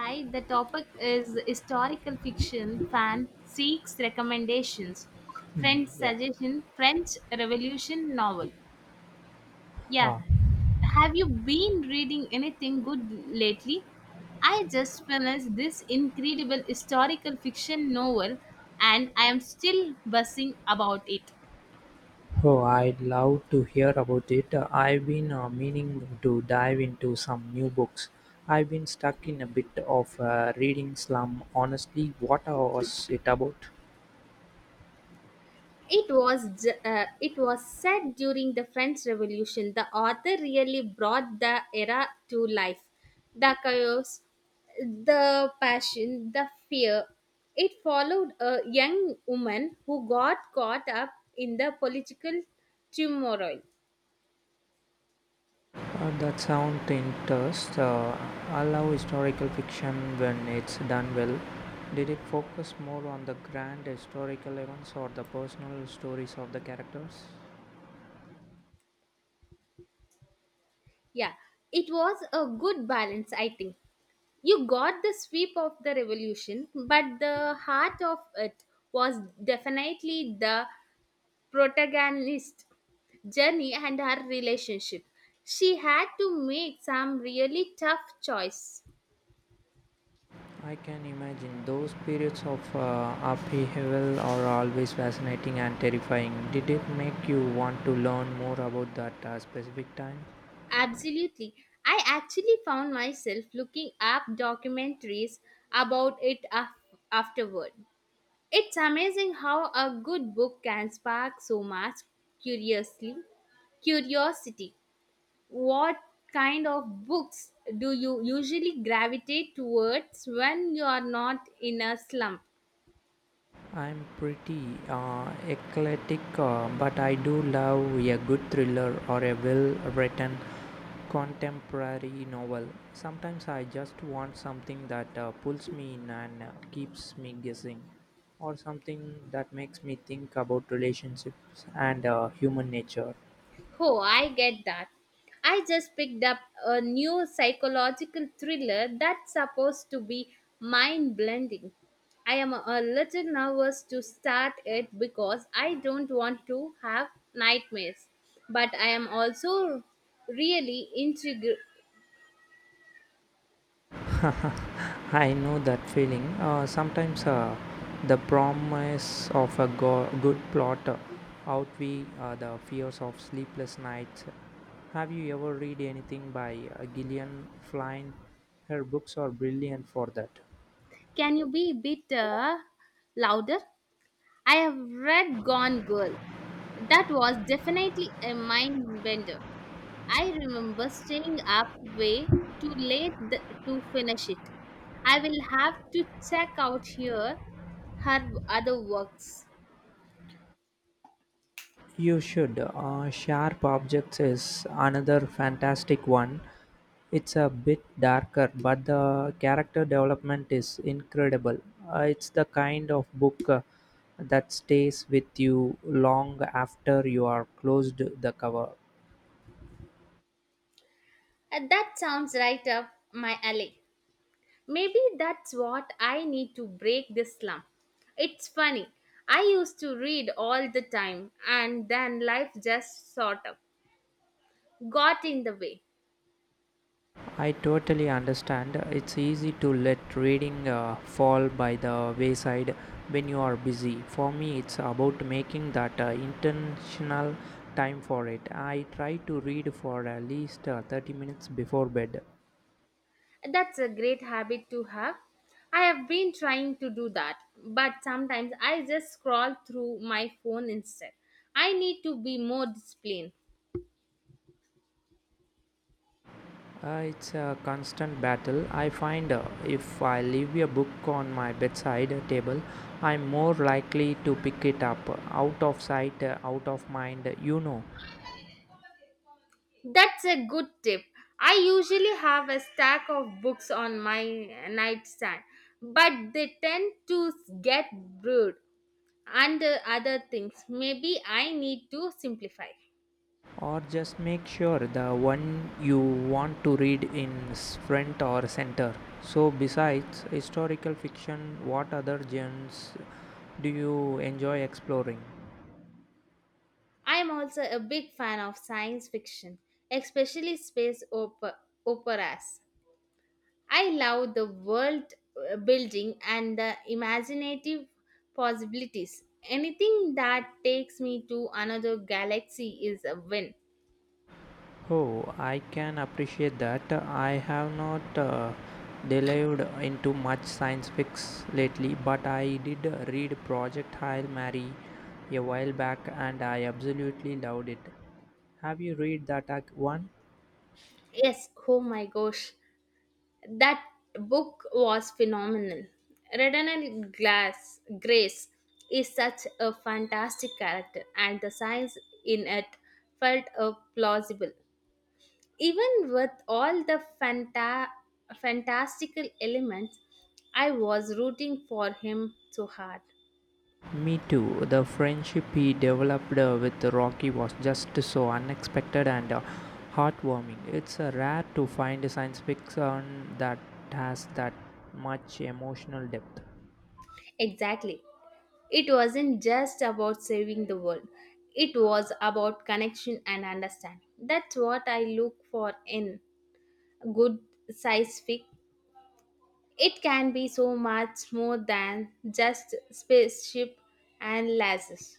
Hi, the topic is historical fiction. Fan seeks recommendations. Hmm, Friend yeah. suggestion. French Revolution novel. Yeah, Ah. have you been reading anything good lately? I just finished this incredible historical fiction novel, and I am still buzzing about it. Oh, I'd love to hear about it. I've been meaning to dive into some new books. I've been stuck in a bit of a reading slum. Honestly, what was it about? It was said during the French Revolution. The author really brought the era to life. The chaos, the passion, the fear. It followed a young woman who got caught up in the political turmoil. That sounds interesting. I love historical fiction when it's done well. Did it focus more on the grand historical events or the personal stories of the characters? Yeah, it was a good balance, I think. You got the sweep of the revolution, but the heart of it was definitely the protagonist journey and her relationship. She had to make some really tough choice. I can imagine those periods of upheaval are always fascinating and terrifying. Did it make you want to learn more about that specific time? Absolutely. I actually found myself looking up documentaries about it afterward. It's amazing how a good book can spark so much curiously curiosity. What kind of books do you usually gravitate towards when you are not in a slump? I'm pretty eclectic, but I do love a good thriller or a well written contemporary novel. Sometimes I just want something that pulls me in and keeps me guessing, or something that makes me think about relationships and human nature. Oh, I get that. I just picked up a new psychological thriller that's supposed to be mind blending. I am a little nervous to start it because I don't want to have nightmares. But I am also really intrigued. I know that feeling. Sometimes the promise of a good plot outweigh the fears of sleepless nights. Have you ever read anything by Gillian Flynn? Her books are brilliant for that. Can you be a bit louder? I have read Gone Girl. That was definitely a mind bender. I remember staying up way too late to finish it. I will have to check out her other works. You should. Sharp Objects is another fantastic one. It's a bit darker, but the character development is incredible. It's the kind of book that stays with you long after you are closed the cover. That sounds right up my alley. Maybe that's what I need to break this slump. It's funny. I used to read all the time and then life just sort of got in the way. I totally understand. It's easy to let reading fall by the wayside when you are busy. For me, it's about making that intentional time for it. I try to read for at least 30 minutes before bed. That's a great habit to have. I have been trying to do that, but sometimes I just scroll through my phone instead. I need to be more disciplined. It's a constant battle. I find if I leave a book on my bedside table, I'm more likely to pick it up. Out of sight, out of mind, you know. That's a good tip. I usually have a stack of books on my nightstand, but they tend to get brewed under other things. Maybe I need to simplify. Or just make sure the one you want to read is front or center. So, besides historical fiction, what other genres do you enjoy exploring? I am also a big fan of science fiction, especially space operas. I love the world building and the imaginative possibilities. Anything that takes me to another galaxy is a win. Oh, I can appreciate that. I have not delved into much science fiction lately, but I did read Project Hail Mary a while back and I absolutely loved it. Have you read that one? Yes, oh my gosh, that book was phenomenal. Redana Glass Grace is such a fantastic character, and the science in it felt plausible. Even with all the fantastical elements, I was rooting for him so hard. Me too. The friendship he developed with Rocky was just so unexpected and heartwarming. It's rare to find a science fiction that has that much emotional depth. Exactly. It wasn't just about saving the world, it was about connection and understanding. That's what I look for in good science fic. It can be so much more than just spaceship and lasers.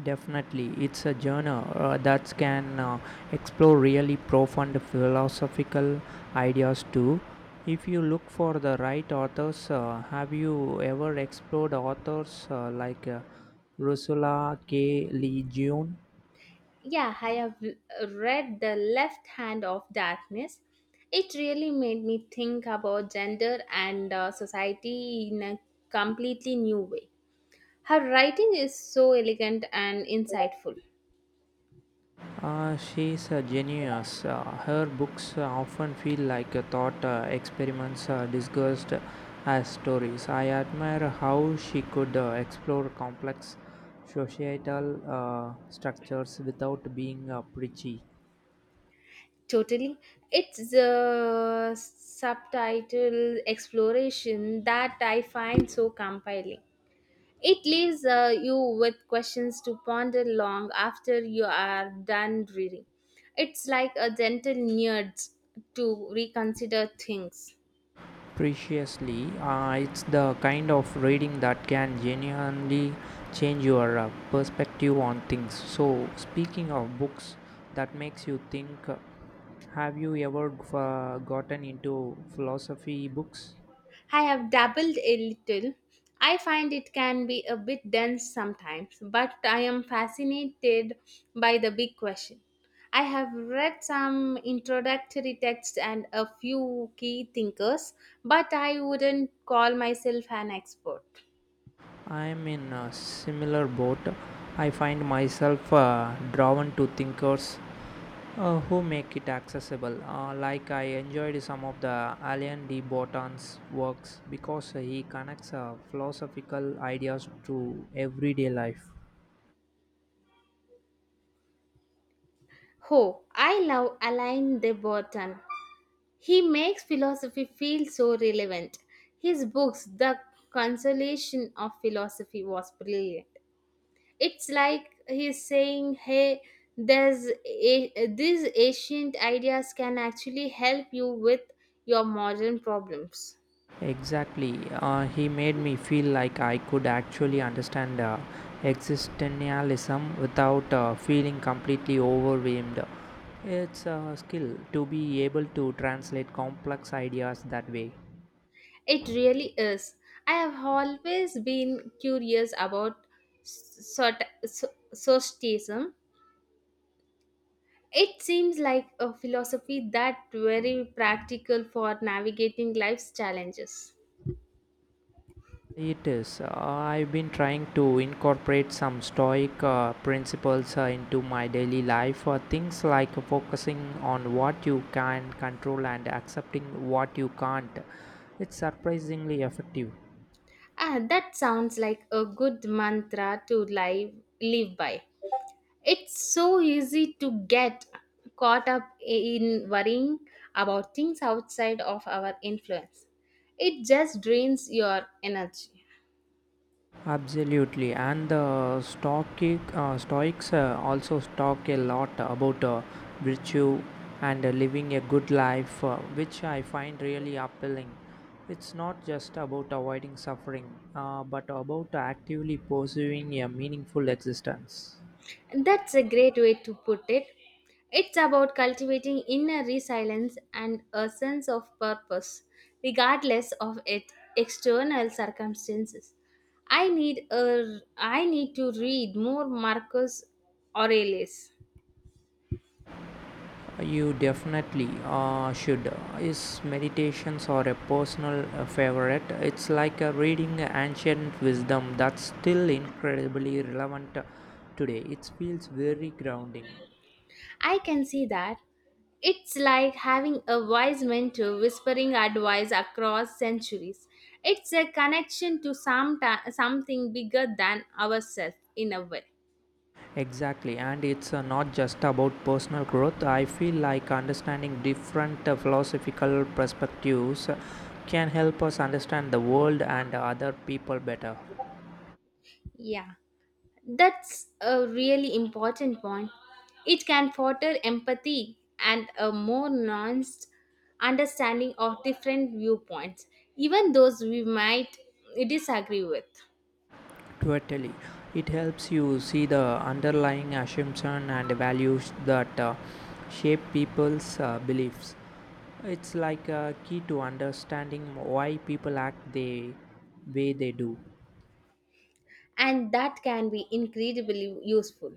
Definitely, it's a genre that can explore really profound philosophical ideas too. If you look for the right authors, have you ever explored authors like Ursula K. Le Guin? Yeah, I have read The Left Hand of Darkness. It really made me think about gender and society in a completely new way. Her writing is so elegant and insightful. She's a genius. Her books often feel like a thought experiments disguised as stories. I admire how she could explore complex societal structures without being preachy. Totally. It's the subtitle exploration that I find so compelling. It leaves you with questions to ponder long after you are done reading. It's like a gentle nudge to reconsider things. Preciously. It's the kind of reading that can genuinely change your perspective on things. So, speaking of books that makes you think, have you ever gotten into philosophy books? I have dabbled a little. I find it can be a bit dense sometimes, but I am fascinated by the big question. I have read some introductory texts and a few key thinkers, but I wouldn't call myself an expert. I'm in a similar boat. I find myself drawn to thinkers who make it accessible. Like I enjoyed some of the Alain de Botton's works because he connects philosophical ideas to everyday life. Oh, I love Alain de Botton. He makes philosophy feel so relevant. His books, The Consolation of Philosophy, was brilliant. It's like he's saying, hey, these ancient ideas can actually help you with your modern problems. Exactly, he made me feel like I could actually understand existentialism without feeling completely overwhelmed. It's a skill to be able to translate complex ideas that way. It really is. I have always been curious about sort, so, Stoicism. It seems like a philosophy that very practical for navigating life's challenges. It is. I've been trying to incorporate some Stoic principles into my daily life. Things like focusing on what you can control and accepting what you can't. It's surprisingly effective. Ah, that sounds like a good mantra to live by. It's so easy to get caught up in worrying about things outside of our influence. It just drains your energy. Absolutely, and the Stoics also talk a lot about virtue and living a good life, which I find really appealing. It's not just about avoiding suffering, but about actively pursuing a meaningful existence. That's a great way to put it. It's about cultivating inner resilience and a sense of purpose, regardless of it, external circumstances. I need to read more Marcus Aurelius. You definitely should. His meditations are a personal favorite. It's like reading ancient wisdom that's still incredibly relevant today. It feels very grounding. I can see that. It's like having a wise mentor whispering advice across centuries. It's a connection to something bigger than ourselves in a way. Exactly, and it's not just about personal growth. I feel like understanding different philosophical perspectives can help us understand the world and other people better. Yeah. That's a really important point. It can foster empathy and a more nuanced understanding of different viewpoints, even those we might disagree with. Totally. It helps you see the underlying assumption and values that shape people's beliefs. It's like a key to understanding why people act the way they do. And that can be incredibly useful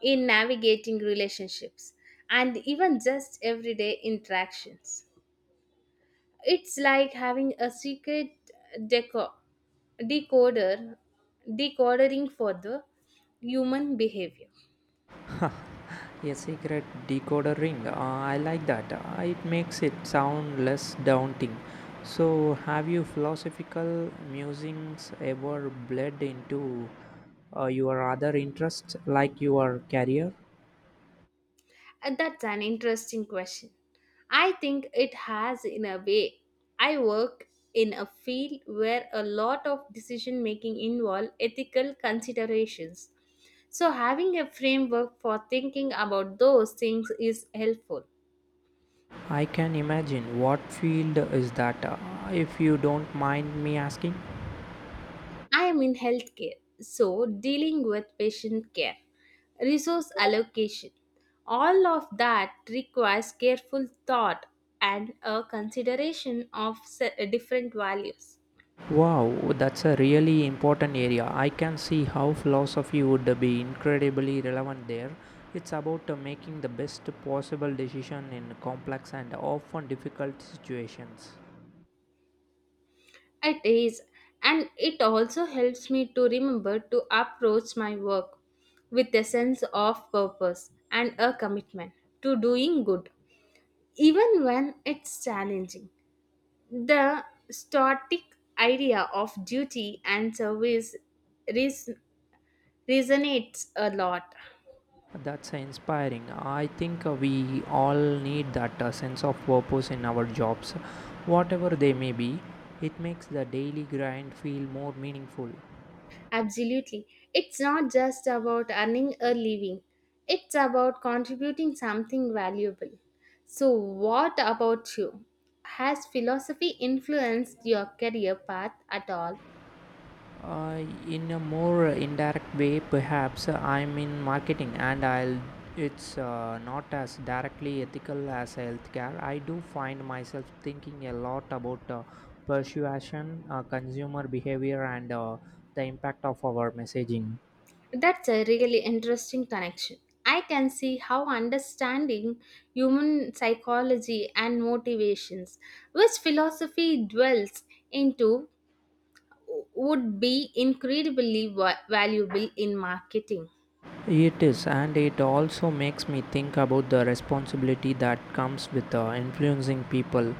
in navigating relationships and even just everyday interactions. It's like having a secret deco- decoder decodering for the human behavior. A secret decoder ring. I like that. It makes it sound less daunting. So, have you philosophical musings ever bled into your other interests, like your career? That's an interesting question. I think it has, in a way. I work in a field where a lot of decision making involve ethical considerations. So, having a framework for thinking about those things is helpful. I can imagine. What field is that, if you don't mind me asking? I am in healthcare, so dealing with patient care, resource allocation, all of that requires careful thought and a consideration of different values. Wow, that's a really important area. I can see how philosophy would be incredibly relevant there. It's about making the best possible decision in complex and often difficult situations. It is, and it also helps me to remember to approach my work with a sense of purpose and a commitment to doing good, even when it's challenging. The static idea of duty and service res- resonates a lot. That's inspiring. I think we all need that sense of purpose in our jobs, whatever they may be. It makes the daily grind feel more meaningful. Absolutely. It's not just about earning a living, it's about contributing something valuable. So, what about you? Has philosophy influenced your career path at all? Uh, in a more indirect way, perhaps I'm in marketing, and I'll it's not as directly ethical as healthcare. I do find myself thinking a lot about persuasion, consumer behavior, and the impact of our messaging. That's a really interesting connection. I can see how understanding human psychology and motivations, which philosophy dwells into, would be incredibly valuable in marketing. It is, and it also makes me think about the responsibility that comes with influencing people.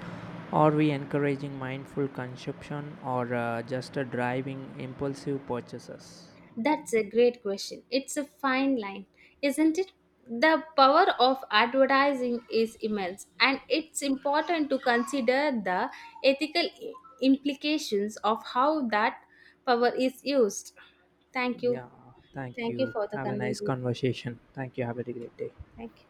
Are we encouraging mindful consumption or just driving impulsive purchases? That's a great question. It's a fine line, isn't it? The power of advertising is immense, and it's important to consider the ethical implications of how that power is used. Thank you. Yeah, thank Thank you you. for the Have a nice conversation. conversation. Thank you. Have a great day. Thank you.